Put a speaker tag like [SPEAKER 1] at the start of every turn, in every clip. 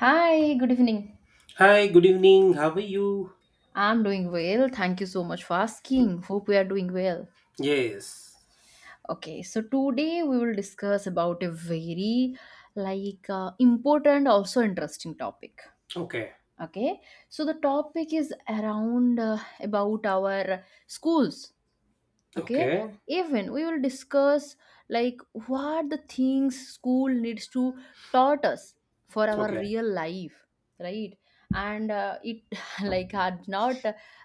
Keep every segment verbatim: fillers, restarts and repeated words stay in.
[SPEAKER 1] Hi, good evening.
[SPEAKER 2] Hi, good evening. How are you?
[SPEAKER 1] I'm doing well. Thank you so much for asking. Hope we are doing well.
[SPEAKER 2] Yes.
[SPEAKER 1] Okay, so today we will discuss about a very like uh, important also interesting topic.
[SPEAKER 2] Okay.
[SPEAKER 1] Okay? So the topic is around uh, about our schools, okay,
[SPEAKER 2] Okay.
[SPEAKER 1] even we will discuss like what the things school needs to taught us for our
[SPEAKER 2] Okay.
[SPEAKER 1] real life, right? And uh, it like had not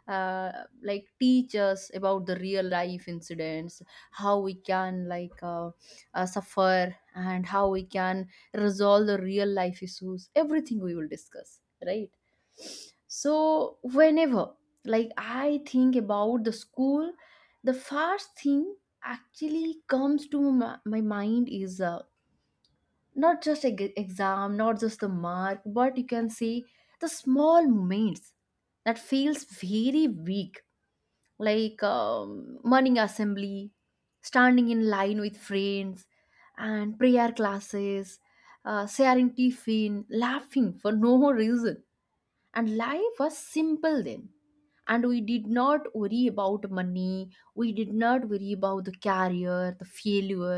[SPEAKER 1] uh, like teach us about the real life incidents, how we can like uh, uh, suffer and how we can resolve the real life issues, everything we will discuss, right? So whenever like I think about the school, the first thing actually comes to my, my mind is uh, not just a g- exam, not just the mark, but you can say the small moments that feels very weak, like um, morning assembly, standing in line with friends and prayer classes, uh, sharing tiffin, laughing for no reason. And life was simple then, and we did not worry about money, we did not worry about the career, the failure.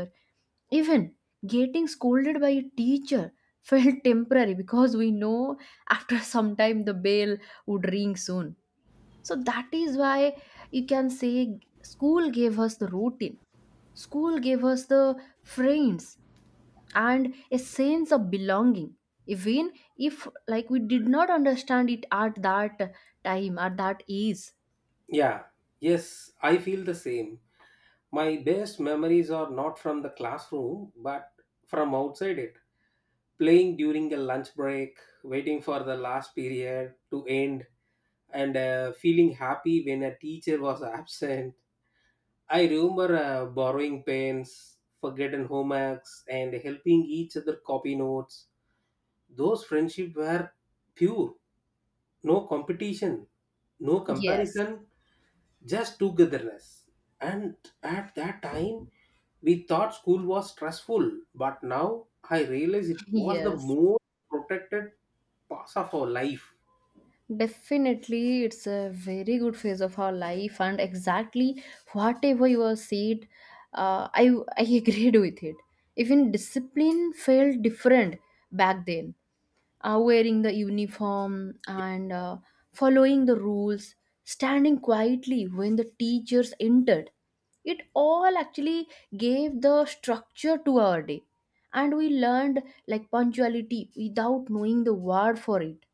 [SPEAKER 1] Even getting scolded by a teacher felt temporary, because we know after some time the bell would ring soon. So that is why you can say school gave us the routine, school gave us the friends and a sense of belonging, even if like we did not understand it at that time at that age.
[SPEAKER 2] Yeah. Yes, I feel the same. My best memories are not from the classroom, but from outside it. Playing during a lunch break, waiting for the last period to end, and uh, feeling happy when a teacher was absent. I remember uh, borrowing pens, forgotten homeworks, and helping each other copy notes. Those friendships were pure, no competition, no
[SPEAKER 1] Yes.
[SPEAKER 2] comparison, just togetherness. And at that time, we thought school was stressful, but now I realize it was the
[SPEAKER 1] Yes,
[SPEAKER 2] most protected part of our life.
[SPEAKER 1] definitely. It's a very good phase of our life, and exactly whatever you have said, uh, I I agreed with it. Even discipline felt different back then. Uh, wearing the uniform and uh, following the rules, standing quietly when the teachers entered, it all actually gave the structure to our day, and we learned like punctuality without knowing the word for it.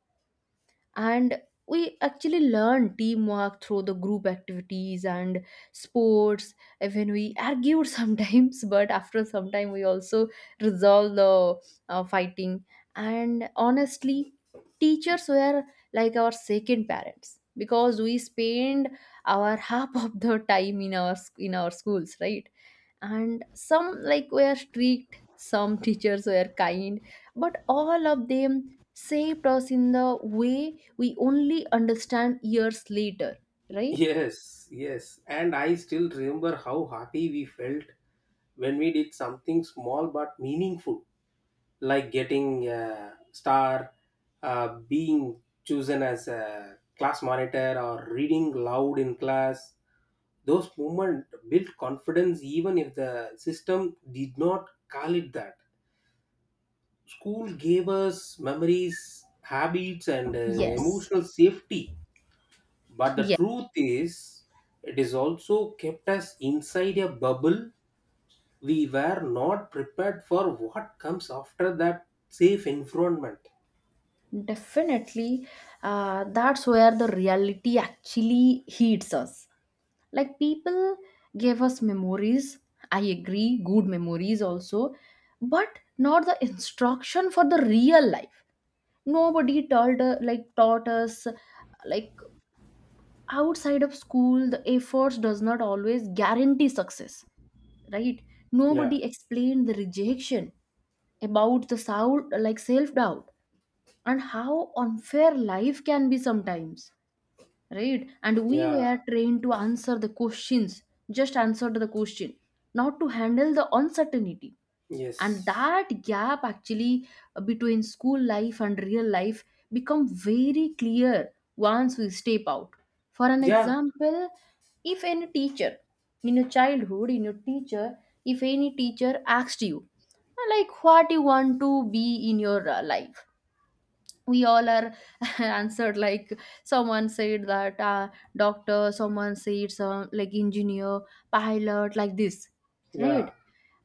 [SPEAKER 1] And we actually learn teamwork through the group activities and sports. Even we argued sometimes, but after some time we also resolve the uh, fighting. And honestly, teachers were like our second parents because we spend our half of the time in our sc- in our schools, right? And some like were strict, some teachers were kind, but all of them shaped us in the way we only understand years later, right?
[SPEAKER 2] Yes, yes, and I still remember how happy we felt when we did something small but meaningful, like getting a star, uh, being chosen as a class monitor, or reading loud in class. Those movement built confidence even if the system did not call it that. School gave us memories, habits, and uh,
[SPEAKER 1] Yes.
[SPEAKER 2] emotional safety, but the
[SPEAKER 1] Yes.
[SPEAKER 2] truth is it is also kept us inside a bubble. We were not prepared for what comes after that safe environment.
[SPEAKER 1] Definitely, uh, that's where the reality actually hits us. Like, people gave us memories, I agree, good memories also, but not the instruction for the real life. Nobody told, uh, like, taught us, like, outside of school, the efforts does not always guarantee success, right? Nobody
[SPEAKER 2] Yeah,
[SPEAKER 1] explained the rejection, about the soul like self doubt and how unfair life can be sometimes, right? And we
[SPEAKER 2] yeah,
[SPEAKER 1] were trained to answer the questions, just answer to the question, not to handle the uncertainty. And
[SPEAKER 2] yes,
[SPEAKER 1] that gap actually between school life and real life become very clear once we step out. For an
[SPEAKER 2] yeah,
[SPEAKER 1] example, if any teacher in your childhood, in your teacher, if any teacher asked you, "Uh, like what you want to be in your uh, life?" We all are answered like someone said that uh, doctor, someone said some like engineer, pilot, like this,
[SPEAKER 2] yeah,
[SPEAKER 1] right?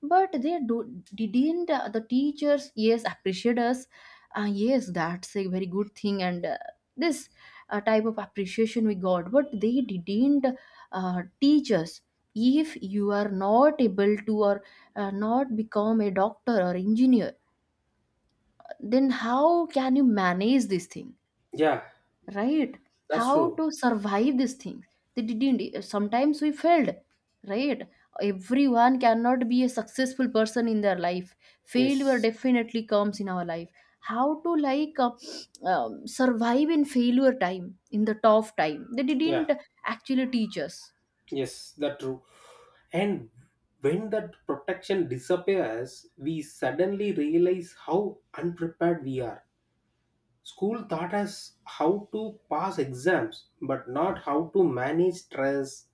[SPEAKER 1] But they do didn't, uh, the teachers, yes, appreciate us, uh, yes, that's a very good thing, and uh, this uh, type of appreciation we got, but they didn't uh, teach us if you are not able to or uh, not become a doctor or engineer, then how can you manage this thing,
[SPEAKER 2] yeah,
[SPEAKER 1] right?
[SPEAKER 2] that's
[SPEAKER 1] How
[SPEAKER 2] true,
[SPEAKER 1] to survive these things, they didn't. Sometimes we failed, right? Everyone cannot be a successful person in their life. Failure
[SPEAKER 2] yes,
[SPEAKER 1] definitely comes in our life. How to like uh, um, survive in failure time, in the tough time, they
[SPEAKER 2] yeah.
[SPEAKER 1] didn't actually teach us.
[SPEAKER 2] Yes, that's true. And when that protection disappears, we suddenly realize how unprepared we are. School taught us how to pass exams, but not how to manage stress,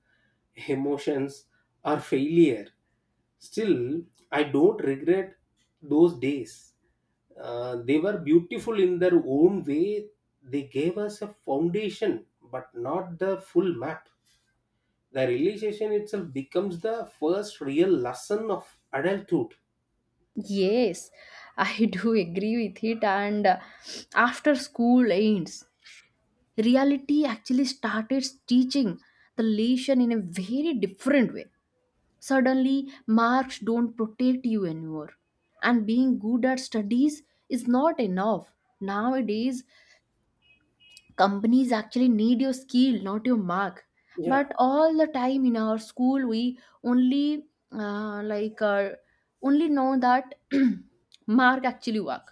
[SPEAKER 2] emotions, or failure. Still, I don't regret those days. Uh, they were beautiful in their own way. They gave us a foundation, but not the full map. The realization itself becomes the first real lesson of adulthood.
[SPEAKER 1] Yes, I do agree with it. And uh, after school ends, reality actually started teaching the lesson in a very different way. Suddenly, marks don't protect you anymore. And being good at studies is not enough. Nowadays, companies actually need your skill, not your mark.
[SPEAKER 2] Yeah.
[SPEAKER 1] But all the time in our school, we only uh, like uh, only know that mark actually work.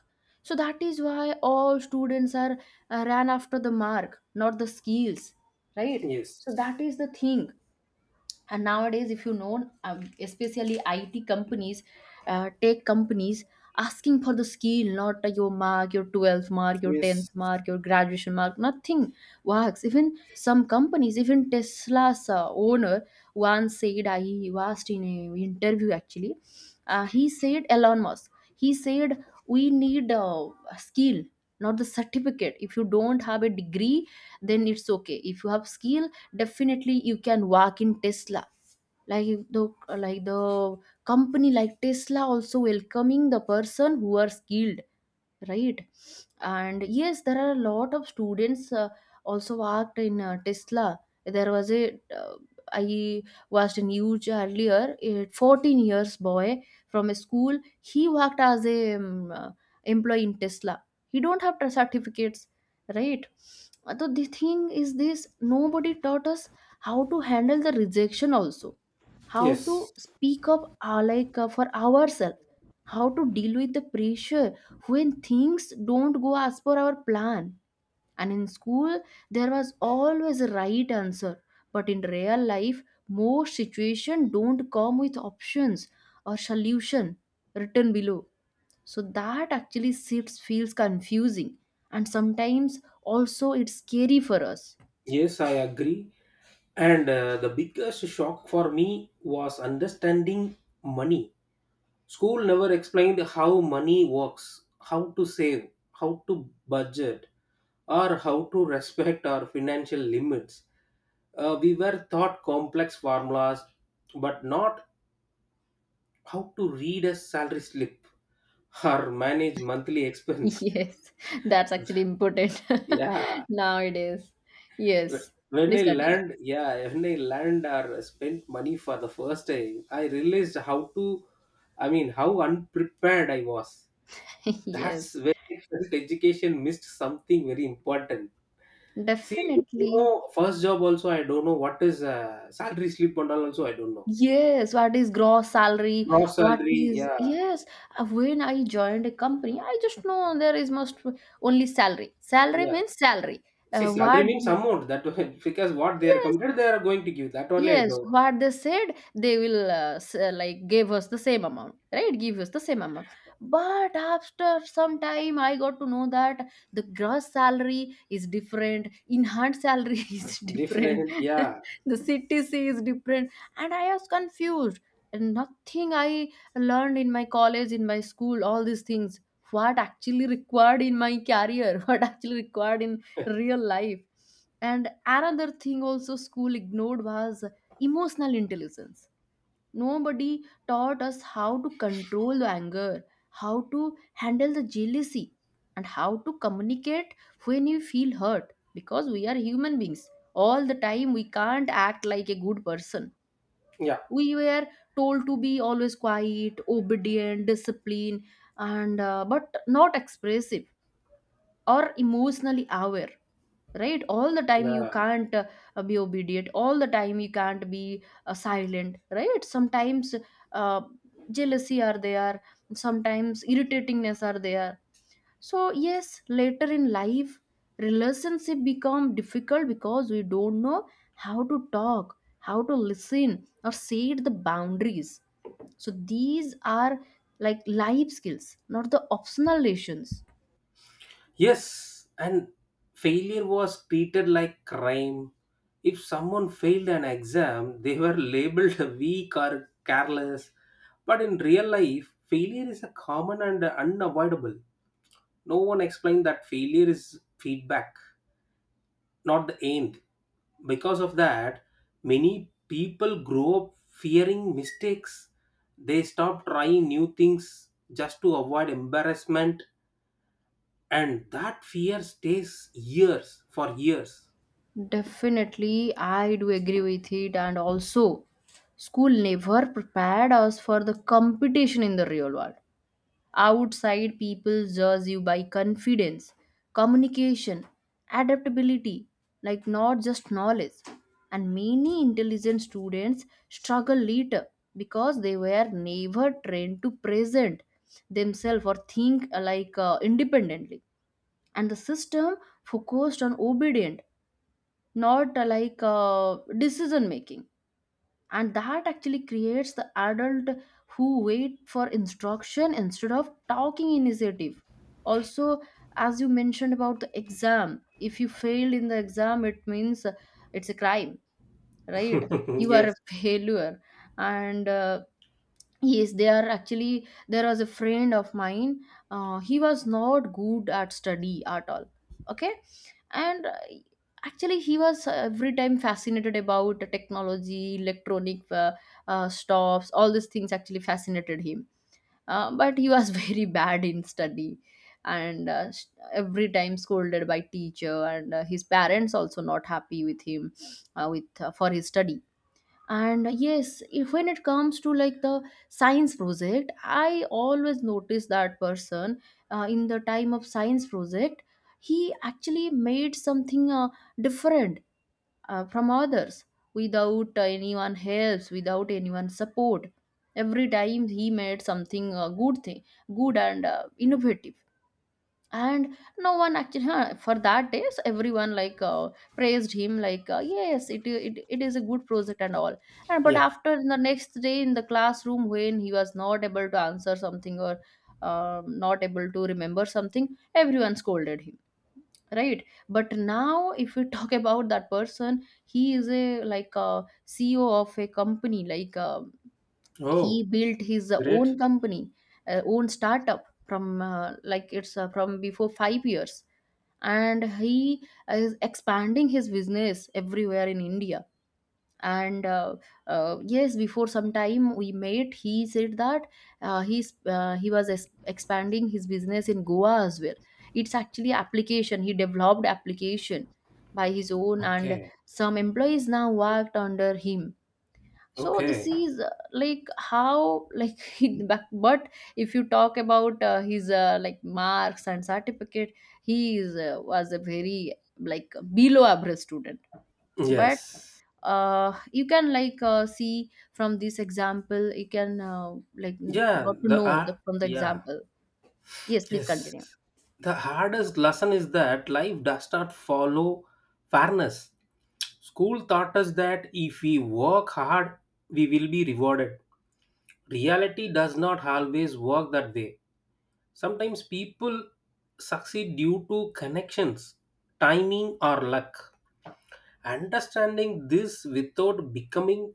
[SPEAKER 1] So that is why all students are uh, ran after the mark, not the skills, right? So
[SPEAKER 2] Yes.
[SPEAKER 1] that is the thing. And nowadays, if you know um, especially IT companies, uh, tech companies, asking for the skill, not uh, your mark, your twelfth mark, your tenth
[SPEAKER 2] Yes,
[SPEAKER 1] mark, your graduation mark, nothing works. Even some companies, even Tesla's uh, owner once said, I asked in an interview actually, uh, he said Elon Musk, he said we need uh, a skill, not the certificate. If you don't have a degree, then it's okay, if you have skill, definitely you can walk in Tesla. Like if the like the company like Tesla also welcoming the person who are skilled, right? And yes, there are a lot of students uh, also worked in uh, Tesla. There was a uh, I watched a news earlier, a fourteen years boy from a school, he worked as a um, uh, employee in Tesla. He don't have the certificates, right? Uh, so the thing is this, nobody taught us how to handle the rejection, also how
[SPEAKER 2] yes.
[SPEAKER 1] to speak up uh, like uh, for ourselves, how to deal with the pressure when things don't go as per our plan. And in school, there was always a right answer. But in real life, most situations don't come with options or solution written below. So that actually sits feels confusing. And sometimes also it's scary for us.
[SPEAKER 2] Yes, I agree. And uh, the biggest shock for me was understanding money. School never explained how money works, how to save, how to budget, or how to respect our financial limits. Uh, we were taught complex formulas, but not how to read a salary slip or manage monthly expense.
[SPEAKER 1] Yes, that's actually important
[SPEAKER 2] Yeah,
[SPEAKER 1] nowadays.
[SPEAKER 2] wh-
[SPEAKER 1] Yes,
[SPEAKER 2] when I
[SPEAKER 1] please continue.
[SPEAKER 2] learned, yeah, when I learned or spent money for the first time, I realized how to, I mean, how unprepared I was. That's
[SPEAKER 1] Yes,
[SPEAKER 2] when I felt education missed something very important. See, you
[SPEAKER 1] definitely.
[SPEAKER 2] know, first job also I don't know what is uh, salary slip and all also I don't know.
[SPEAKER 1] Yes, what is gross salary?
[SPEAKER 2] Gross
[SPEAKER 1] What
[SPEAKER 2] salary,
[SPEAKER 1] is
[SPEAKER 2] yeah,
[SPEAKER 1] yes? uh, When I joined a company, I just know there is most only salary. Salary
[SPEAKER 2] yeah.
[SPEAKER 1] means salary.
[SPEAKER 2] See,
[SPEAKER 1] Uh,
[SPEAKER 2] salary
[SPEAKER 1] what?
[SPEAKER 2] means amount that because what they are
[SPEAKER 1] Yes,
[SPEAKER 2] committed, they are going to give. That only I
[SPEAKER 1] yes,
[SPEAKER 2] know.
[SPEAKER 1] what they said, they will uh, s- uh, like gave us the same amount, right? Give us the same amount. But after some time, I got to know that the gross salary is different, enhanced salary is different,
[SPEAKER 2] Different, yeah,
[SPEAKER 1] the C T C is different, and I was confused. And nothing I learned in my college, in my school, all these things, what actually required in my career, what actually required in real life. And another thing also school ignored was emotional intelligence. Nobody taught us how to control the anger, how to handle the jealousy, and how to communicate when you feel hurt, because we are human beings. All the time, we can't act like a good person.
[SPEAKER 2] yeah,
[SPEAKER 1] We were told to be always quiet, obedient, disciplined, and uh, but not expressive or emotionally aware, right? All the time you
[SPEAKER 2] yeah.
[SPEAKER 1] can't uh, be obedient, all the time you can't be uh, silent, right? Sometimes uh, jealousy are there, sometimes irritatingness are there. So yes, later in life, relationship become difficult because we don't know how to talk, how to listen, or set the boundaries. So these are like life skills, not the optional lessons.
[SPEAKER 2] Yes, and failure was treated like crime. If someone failed an exam, they were labeled weak or careless. But in real life, failure is a common and unavoidable. No one explained that failure is feedback, not the aimed. Because of that, many people grow up fearing mistakes. They stop trying new things just to avoid embarrassment, and that fear stays years for years.
[SPEAKER 1] Definitely, I do agree with it. And also, school never prepared us for the competition in the real world. Outside, people judge you by confidence, communication, adaptability, like not just knowledge. And many intelligent students struggle later because they were never trained to present themselves or think uh, like uh, independently. And the system focused on obedience, not uh, like uh, decision making. And that actually creates the adult who wait for instruction instead of talking initiative. Also, as you mentioned about the exam, if you failed in the exam it means uh, it's a crime, right? You are
[SPEAKER 2] Yes.
[SPEAKER 1] a failure. And uh, yes, they are actually. There was a friend of mine. Uh, he was not good at study at all. Okay, and uh, actually, he was every time fascinated about the technology, electronic uh, uh, stuffs, all these things actually fascinated him. Uh, but he was very bad in study, and uh, s- every time scolded by teacher, and uh, his parents also not happy with him, uh, with uh, for his study. And yes, if when it comes to like the science project, I always notice that person. Uh, in the time of science project, he actually made something uh, different uh, from others, without anyone helps, without anyone support. Every time he made something uh, good thing, good and uh, innovative. And no one actually, huh, for that days everyone like uh, praised him, like uh, yes it, it it is a good project and all. And but
[SPEAKER 2] Yeah.
[SPEAKER 1] after the next day in the classroom, when he was not able to answer something or um, not able to remember something, everyone scolded him, right? But now if we talk about that person, he is a like a CEO of a company, like uh,
[SPEAKER 2] Oh,
[SPEAKER 1] he built his
[SPEAKER 2] great.
[SPEAKER 1] own company, uh, own startup from uh, like it's uh, from before five years. And he is expanding his business everywhere in India. And uh, uh, Yes, before some time we met, he said that uh, he's uh, he was es- expanding his business in Goa as well. It's actually application, he developed application by his own. And
[SPEAKER 2] Okay.
[SPEAKER 1] some employees now worked under him. So this
[SPEAKER 2] Okay.
[SPEAKER 1] is uh, like how like in back. But if you talk about uh, his uh, like marks and certificate, he is uh, was a very like below average student. But
[SPEAKER 2] Yes.
[SPEAKER 1] uh, you can like uh, see from this example, you can uh, like n-
[SPEAKER 2] Yeah.
[SPEAKER 1] got to
[SPEAKER 2] The
[SPEAKER 1] know
[SPEAKER 2] art.
[SPEAKER 1] the from the
[SPEAKER 2] Yeah.
[SPEAKER 1] example. Yes, please
[SPEAKER 2] Yes.
[SPEAKER 1] continue.
[SPEAKER 2] The hardest lesson is that life does not follow fairness. School taught us that if we work hard, we will be rewarded. Reality does not always work that way. Sometimes people succeed due to connections, timing, or luck. Understanding this without becoming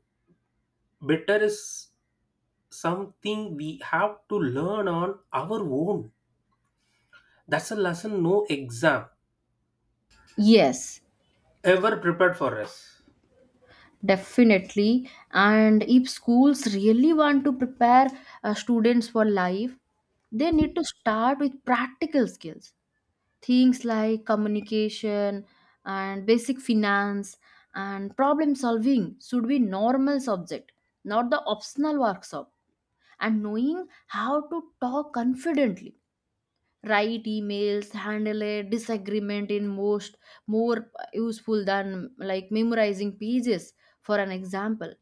[SPEAKER 2] bitter is something we have to learn on our own. That's a lesson no exam
[SPEAKER 1] Yes,
[SPEAKER 2] ever prepared for us.
[SPEAKER 1] definitely. And if schools really want to prepare uh, students for life, they need to start with practical skills, things like communication and basic finance, and problem solving should be normal subject, not the optional workshop. And knowing how to talk confidently, write emails, handle a disagreement in most, more useful than like memorizing pages for an example.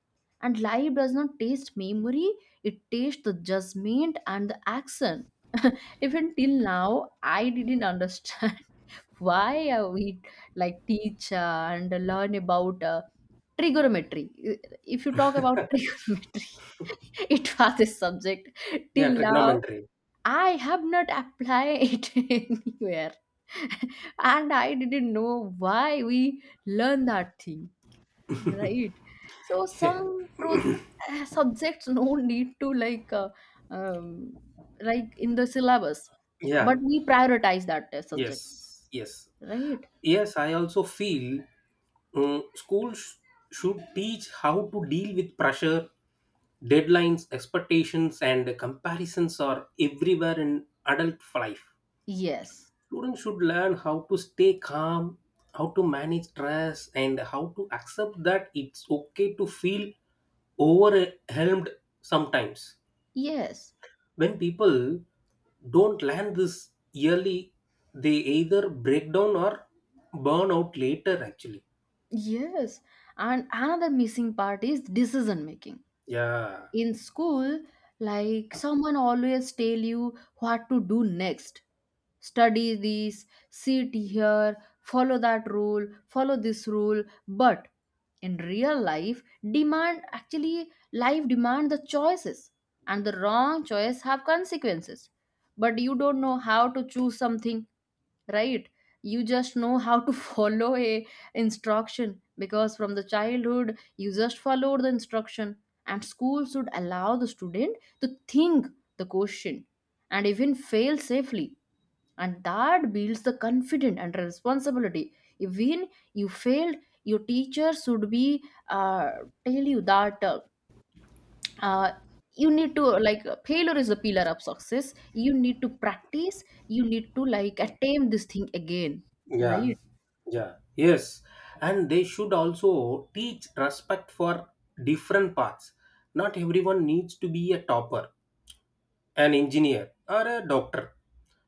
[SPEAKER 1] And life does not taste memory, it tastes the judgment and the action. Even till now I didn't understand why uh, we like teach uh, and learn about uh, trigonometry. If you talk about trigonometry, it was a subject
[SPEAKER 2] Yeah,
[SPEAKER 1] till now
[SPEAKER 2] trigonometry.
[SPEAKER 1] I have not applied anywhere. And I didn't know why we learn that thing, right? So some pro, uh, subjects no need to like uh, um, like in the syllabus,
[SPEAKER 2] Yeah.
[SPEAKER 1] but we prioritize that uh, subject,
[SPEAKER 2] Yes. Yes.
[SPEAKER 1] right?
[SPEAKER 2] Yes, I also feel uh, schools should teach how to deal with pressure, deadlines, expectations, and comparisons are everywhere in adult life.
[SPEAKER 1] Yes,
[SPEAKER 2] Students should learn how to stay calm, how to manage stress, and how to accept that it's okay to feel overwhelmed sometimes.
[SPEAKER 1] yes,
[SPEAKER 2] When people don't land this yearly, they either break down or burn out later, actually.
[SPEAKER 1] yes. And another missing part is decision making.
[SPEAKER 2] Yeah,
[SPEAKER 1] In school, like someone always tell you what to do next, study this, sit here, follow that rule, follow this rule. But in real life, demand, actually life demand the choices, and the wrong choice have consequences. But you don't know how to choose something, right? You just know how to follow a instruction, because from the childhood you just followed the instruction. And school should allow the student to think the question and even fail safely, and that builds the confidence and responsibility. If when you failed, your teacher should be, uh, tell you that uh, uh, you need to like, failure is the pillar of success, you need to practice, you need to like attain this thing again,
[SPEAKER 2] yeah,
[SPEAKER 1] right?
[SPEAKER 2] yeah. Yes, and they should also teach respect for different paths. Not everyone needs to be a topper, an engineer, or a doctor.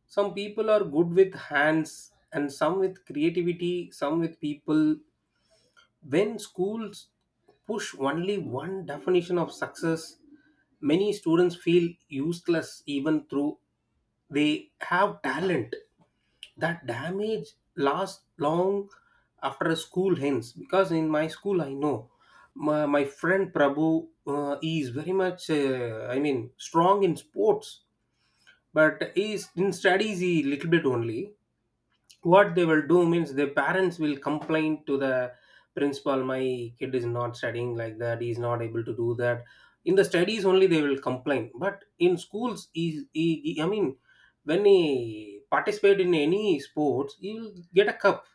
[SPEAKER 2] Some people are good with hands, and some with creativity, some with people. When schools push only one definition of success, many students feel useless even though they have talent. That damage lasts long after school ends, because in my school I know my, my friend Prabhu uh, is very much uh, I mean strong in sports, but he is in studies he little bit only. What they will do means the parents will complain to the principal, my kid is not studying like that, he is not able to do that. In the studies only they will complain, but in schools he, he, he- I mean when he participate in any sports he will get a cup,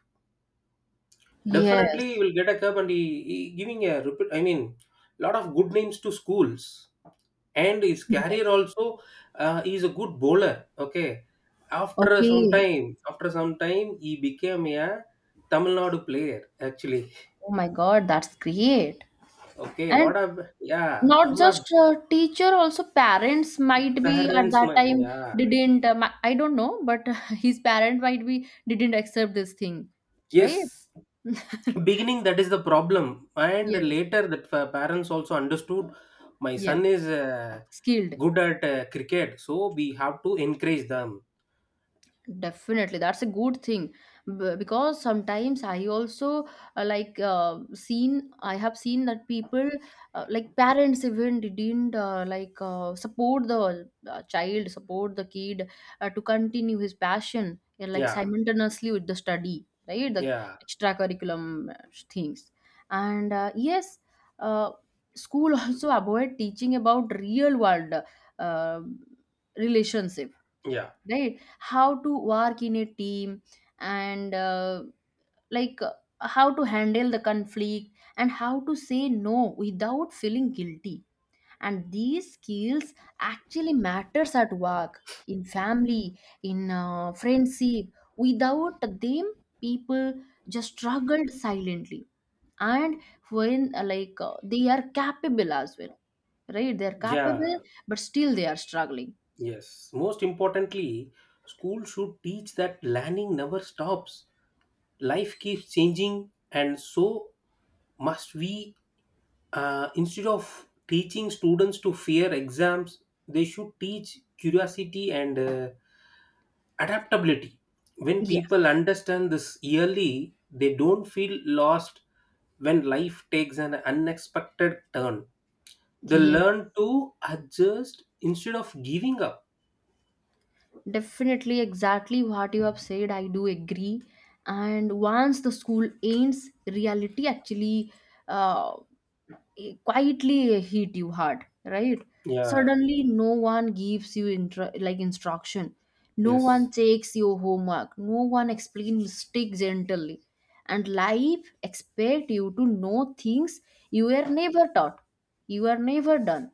[SPEAKER 2] definitely he
[SPEAKER 1] Yes,
[SPEAKER 2] will get a cup, and he, he giving a repu- I mean lot of good names to schools, and his career
[SPEAKER 1] yes,
[SPEAKER 2] also. Uh, he's a good bowler, okay. After some
[SPEAKER 1] okay,
[SPEAKER 2] time, after some time, he became a Tamil Nadu player, actually.
[SPEAKER 1] oh my god, that's great.
[SPEAKER 2] Okay,
[SPEAKER 1] And
[SPEAKER 2] what a yeah,
[SPEAKER 1] not
[SPEAKER 2] Tamil Nadu.
[SPEAKER 1] just uh, teacher, also parents might be at
[SPEAKER 2] Parents,
[SPEAKER 1] that
[SPEAKER 2] my,
[SPEAKER 1] time
[SPEAKER 2] yeah,
[SPEAKER 1] didn't. Um, I don't know, but his parent might be didn't accept this thing,
[SPEAKER 2] yes,
[SPEAKER 1] right?
[SPEAKER 2] beginning that is the problem. And
[SPEAKER 1] Yes,
[SPEAKER 2] later that fa- parents also understood my
[SPEAKER 1] yes,
[SPEAKER 2] son is uh,
[SPEAKER 1] skilled.
[SPEAKER 2] good at uh, cricket, so we have to encourage them.
[SPEAKER 1] Definitely, that's a good thing. B- because sometimes I also uh, like uh, seen, I have seen that people uh, like parents even didn't uh, like uh, support the uh, child, support the kid uh, to continue his passion and like
[SPEAKER 2] Yeah,
[SPEAKER 1] simultaneously with the study, right? The
[SPEAKER 2] yeah,
[SPEAKER 1] extracurriculum uh, things, and uh, yes, uh, school also avoid teaching about real world uh, relationship,
[SPEAKER 2] yeah,
[SPEAKER 1] right? How to work in a team, and uh, like uh, how to handle the conflict, and how to say no without feeling guilty. And these skills actually matters at work, in family, in uh, friendship. Without them, people just struggled silently. And when uh, like uh, they are capable as well, right? They are
[SPEAKER 2] yeah.
[SPEAKER 1] capable, but still they are struggling.
[SPEAKER 2] Yes, most importantly, school should teach that learning never stops. Life keeps changing, and so must we. Uh, instead of teaching students to fear exams, they should teach curiosity and uh, adaptability. When
[SPEAKER 1] Yes,
[SPEAKER 2] people understand this yearly, they don't feel lost when life takes an unexpected turn. They
[SPEAKER 1] yes.
[SPEAKER 2] learn to adjust instead of giving up.
[SPEAKER 1] Definitely, exactly what you have said. I do agree. And once the school ends, reality actually uh, quietly hit you hard, right?
[SPEAKER 2] Yeah,
[SPEAKER 1] Suddenly, no one gives you intra- like instruction. No
[SPEAKER 2] yes.
[SPEAKER 1] one takes your homework. No one explains mistakes gently. And life expect you to know things you were never taught. You were never done,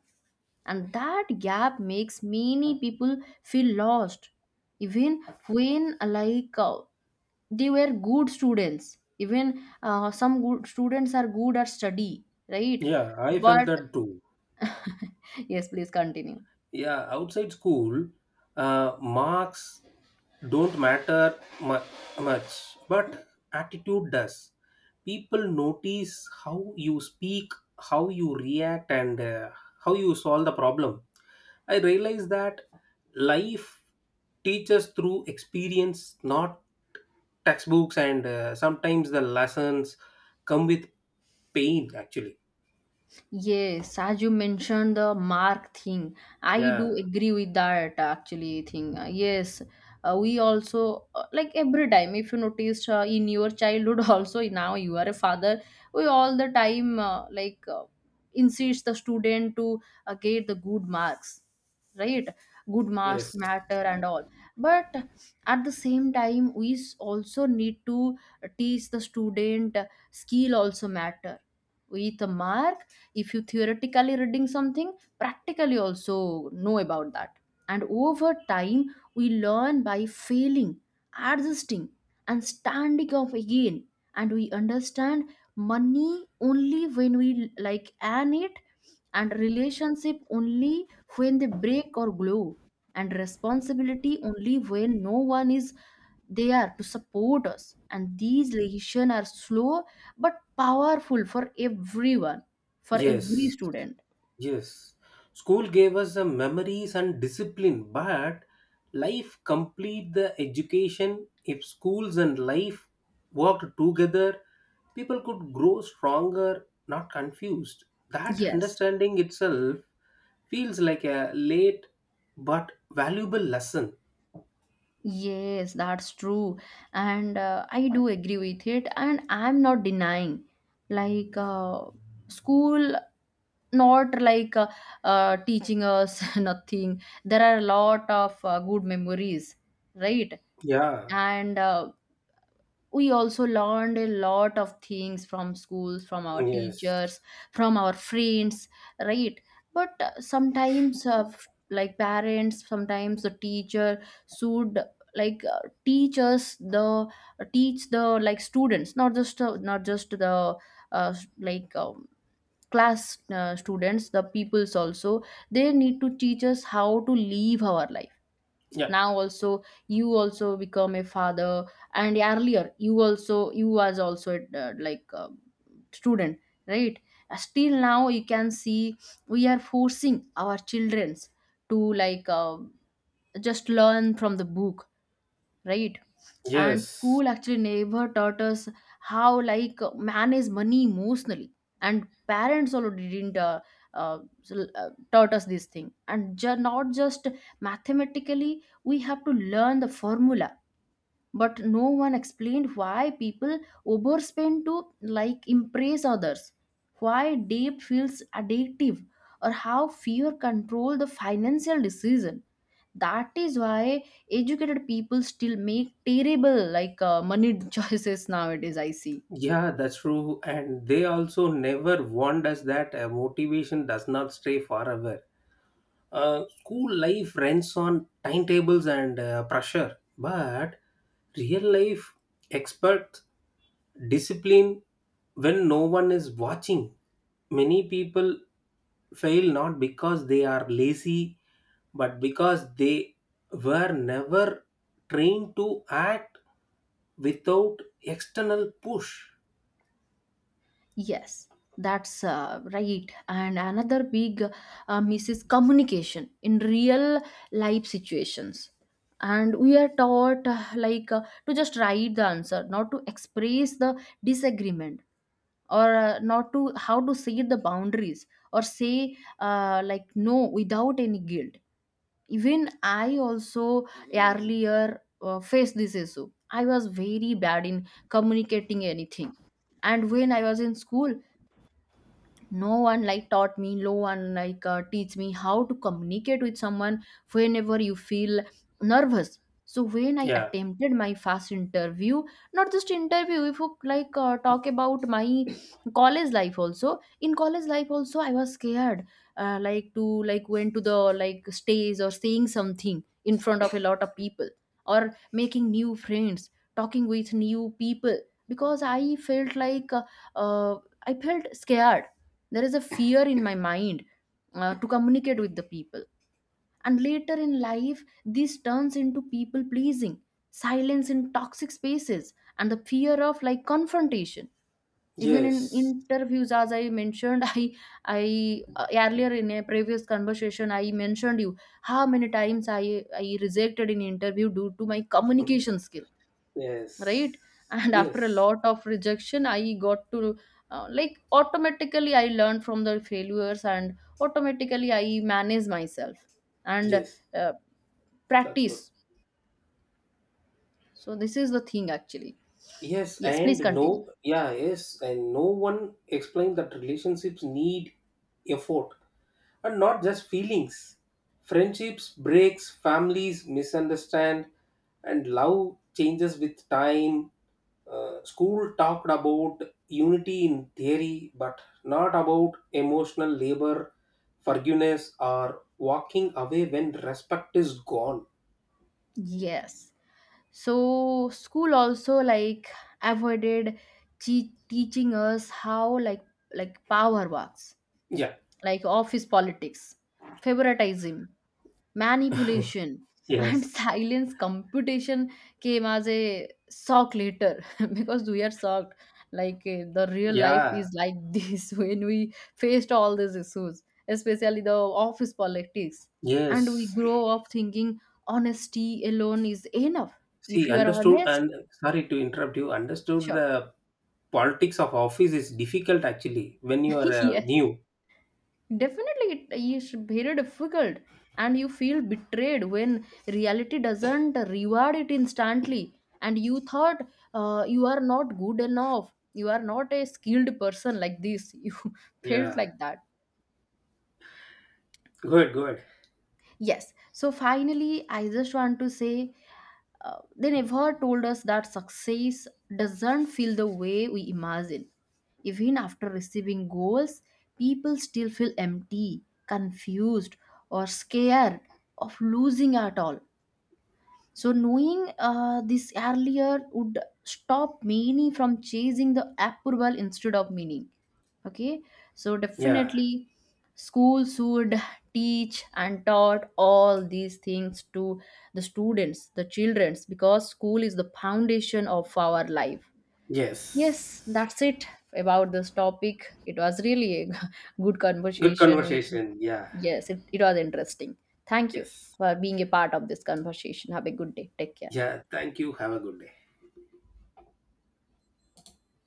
[SPEAKER 1] and that gap makes many people feel lost, even when like uh, they were good students, even uh, some good students are good at study, right?
[SPEAKER 2] Yeah, I felt
[SPEAKER 1] But
[SPEAKER 2] that too.
[SPEAKER 1] yes, please continue.
[SPEAKER 2] Yeah, outside school, uh, marks don't matter mu- much, but attitude does. People notice how you speak, how you react, and uh, how you solve the problem. I realized that life teaches through experience, not textbooks, and uh, sometimes the lessons come with pain, actually.
[SPEAKER 1] Yes, as you mentioned the mark thing, I
[SPEAKER 2] Yeah,
[SPEAKER 1] do agree with that actually thing. Uh, yes, uh, we also uh, like every time, if you noticed uh, in your childhood also now you are a father, we all the time uh, like uh, insist the student to uh, get the good marks, right? Good marks
[SPEAKER 2] yes,
[SPEAKER 1] matter and all. But at the same time, we s- also need to teach the student uh, skill also matter with a mark. If you theoretically reading something, practically also know about that. And over time we learn by failing, adjusting, and standing up again. And we understand money only when we like earn it, and relationship only when they break or glow, and responsibility only when no one is there to support us. And these lessons are slow but powerful for everyone, for every
[SPEAKER 2] yes.
[SPEAKER 1] student.
[SPEAKER 2] Yes, school gave us the memories and discipline, but life complete the education. If schools and life worked together, people could grow stronger, not confused. That
[SPEAKER 1] Yes.
[SPEAKER 2] understanding itself feels like a late but valuable lesson.
[SPEAKER 1] Yes, that's true. And uh, I do agree with it. And I'm not denying, like, uh, school not like uh, uh, teaching us nothing. There are a lot of uh, good memories, right?
[SPEAKER 2] Yeah,
[SPEAKER 1] And uh, we also learned a lot of things from schools, from our
[SPEAKER 2] yes,
[SPEAKER 1] teachers, from our friends, right? But uh, sometimes, uh, f- like parents, sometimes the teacher should like uh, teach us the, uh, teach the like students, not just uh, not just the uh, s- like um, class uh, students, the peoples also, they need to teach us how to live our life.
[SPEAKER 2] yeah,
[SPEAKER 1] Now also, you also become a father, and earlier you also, you was also uh, like uh, student, right? Uh, still now you can see, we are forcing our childrens to like uh, just learn from the book, right? And
[SPEAKER 2] yes.
[SPEAKER 1] school actually never taught us how like manage money emotionally, and parents also didn't uh, uh, s- uh, taught us this thing. And ju- not just mathematically, we have to learn the formula, but no one explained why people overspend to like impress others, why debt feels addictive, or how fear control the financial decision. That is why educated people still make terrible like uh, money choices nowadays, I see.
[SPEAKER 2] Yeah, that's true. And they also never warned us that uh, motivation does not stay forever. Uh, school life runs on timetables and uh, pressure, but real life expects discipline when no one is watching. Many people fail not because they are lazy, but because they were never trained to act without external push.
[SPEAKER 1] Yes, that's uh, right. And another big uh, miss is communication in real life situations. And we are taught uh, like uh, to just write the answer, not to express the disagreement, or uh, not to how to say the boundaries, or say uh, like no without any guilt. Even I also earlier uh, faced this issue. I was very bad in communicating anything, and when I was in school, no one like taught me, no one like uh, teach me how to communicate with someone whenever you feel nervous. So when I
[SPEAKER 2] Yeah.
[SPEAKER 1] attempted my first interview, not just interview, if you like uh, talk about my college life also, in college life also I was scared uh, like to like went to the like stage, or saying something in front of a lot of people, or making new friends, talking with new people. Because I felt like uh, uh, I felt scared, there is a fear in my mind uh, to communicate with the people. And later in life this turns into people pleasing, silence in toxic spaces, and the fear of like confrontation. Even in
[SPEAKER 2] Yes.
[SPEAKER 1] interviews, as I mentioned, I I uh, earlier in a previous conversation I mentioned you how many times i i rejected in interview due to my communication skill,
[SPEAKER 2] Yes.
[SPEAKER 1] right? And after a
[SPEAKER 2] Yes.
[SPEAKER 1] lot of rejection I got to uh, like automatically I learned from the failures and automatically I manage myself and
[SPEAKER 2] Yes.
[SPEAKER 1] uh,
[SPEAKER 2] That's good.
[SPEAKER 1] practice. So this is the thing actually.
[SPEAKER 2] Yes,
[SPEAKER 1] Yes,
[SPEAKER 2] and
[SPEAKER 1] please continue.
[SPEAKER 2] no, yeah, yes, and no one explained that relationships need effort and not just feelings. Friendships breaks, families misunderstand, and love changes with time. Uh, school talked about unity in theory, but not about emotional labor, forgiveness, or walking away when respect is gone.
[SPEAKER 1] Yes, so school also like avoided che- teaching us how like like power works,
[SPEAKER 2] Yeah,
[SPEAKER 1] like office politics, favoritism, manipulation, and
[SPEAKER 2] yes,
[SPEAKER 1] silence computation came as a shock later because we are shocked like uh, the real life
[SPEAKER 2] yeah,
[SPEAKER 1] is like this when we faced all these issues, especially the office politics. And we
[SPEAKER 2] yes.
[SPEAKER 1] grow up thinking honesty alone is enough, if
[SPEAKER 2] See,
[SPEAKER 1] you are
[SPEAKER 2] understood,
[SPEAKER 1] honest.
[SPEAKER 2] and sorry to interrupt you, understood
[SPEAKER 1] Sure.
[SPEAKER 2] the politics of office is difficult actually when you are uh,
[SPEAKER 1] Yes,
[SPEAKER 2] new.
[SPEAKER 1] definitely it is very difficult. And you feel betrayed when reality doesn't reward it instantly, and you thought uh, you are not good enough, you are not a skilled person, like this you felt
[SPEAKER 2] Yeah,
[SPEAKER 1] like that.
[SPEAKER 2] good, good.
[SPEAKER 1] Yes. So finally, I just want to say uh, they never told us that success doesn't feel the way we imagine. Even after receiving goals, people still feel empty, confused, or scared of losing at all. So knowing uh, this earlier would stop many from chasing the approval instead of meaning. Okay, so
[SPEAKER 2] Yeah,
[SPEAKER 1] definitely schools should teach and taught all these things to the students, the childrens, because school is the foundation of our life. Yes,
[SPEAKER 2] yes.
[SPEAKER 1] that's it about this topic. It was really a good
[SPEAKER 2] Good
[SPEAKER 1] conversation. We,
[SPEAKER 2] conversation. Yeah,
[SPEAKER 1] yes, it, it was interesting. Thank you
[SPEAKER 2] yes.
[SPEAKER 1] for being a part of this conversation. Have a good day. Take care.
[SPEAKER 2] Yeah, thank you. Have a good day.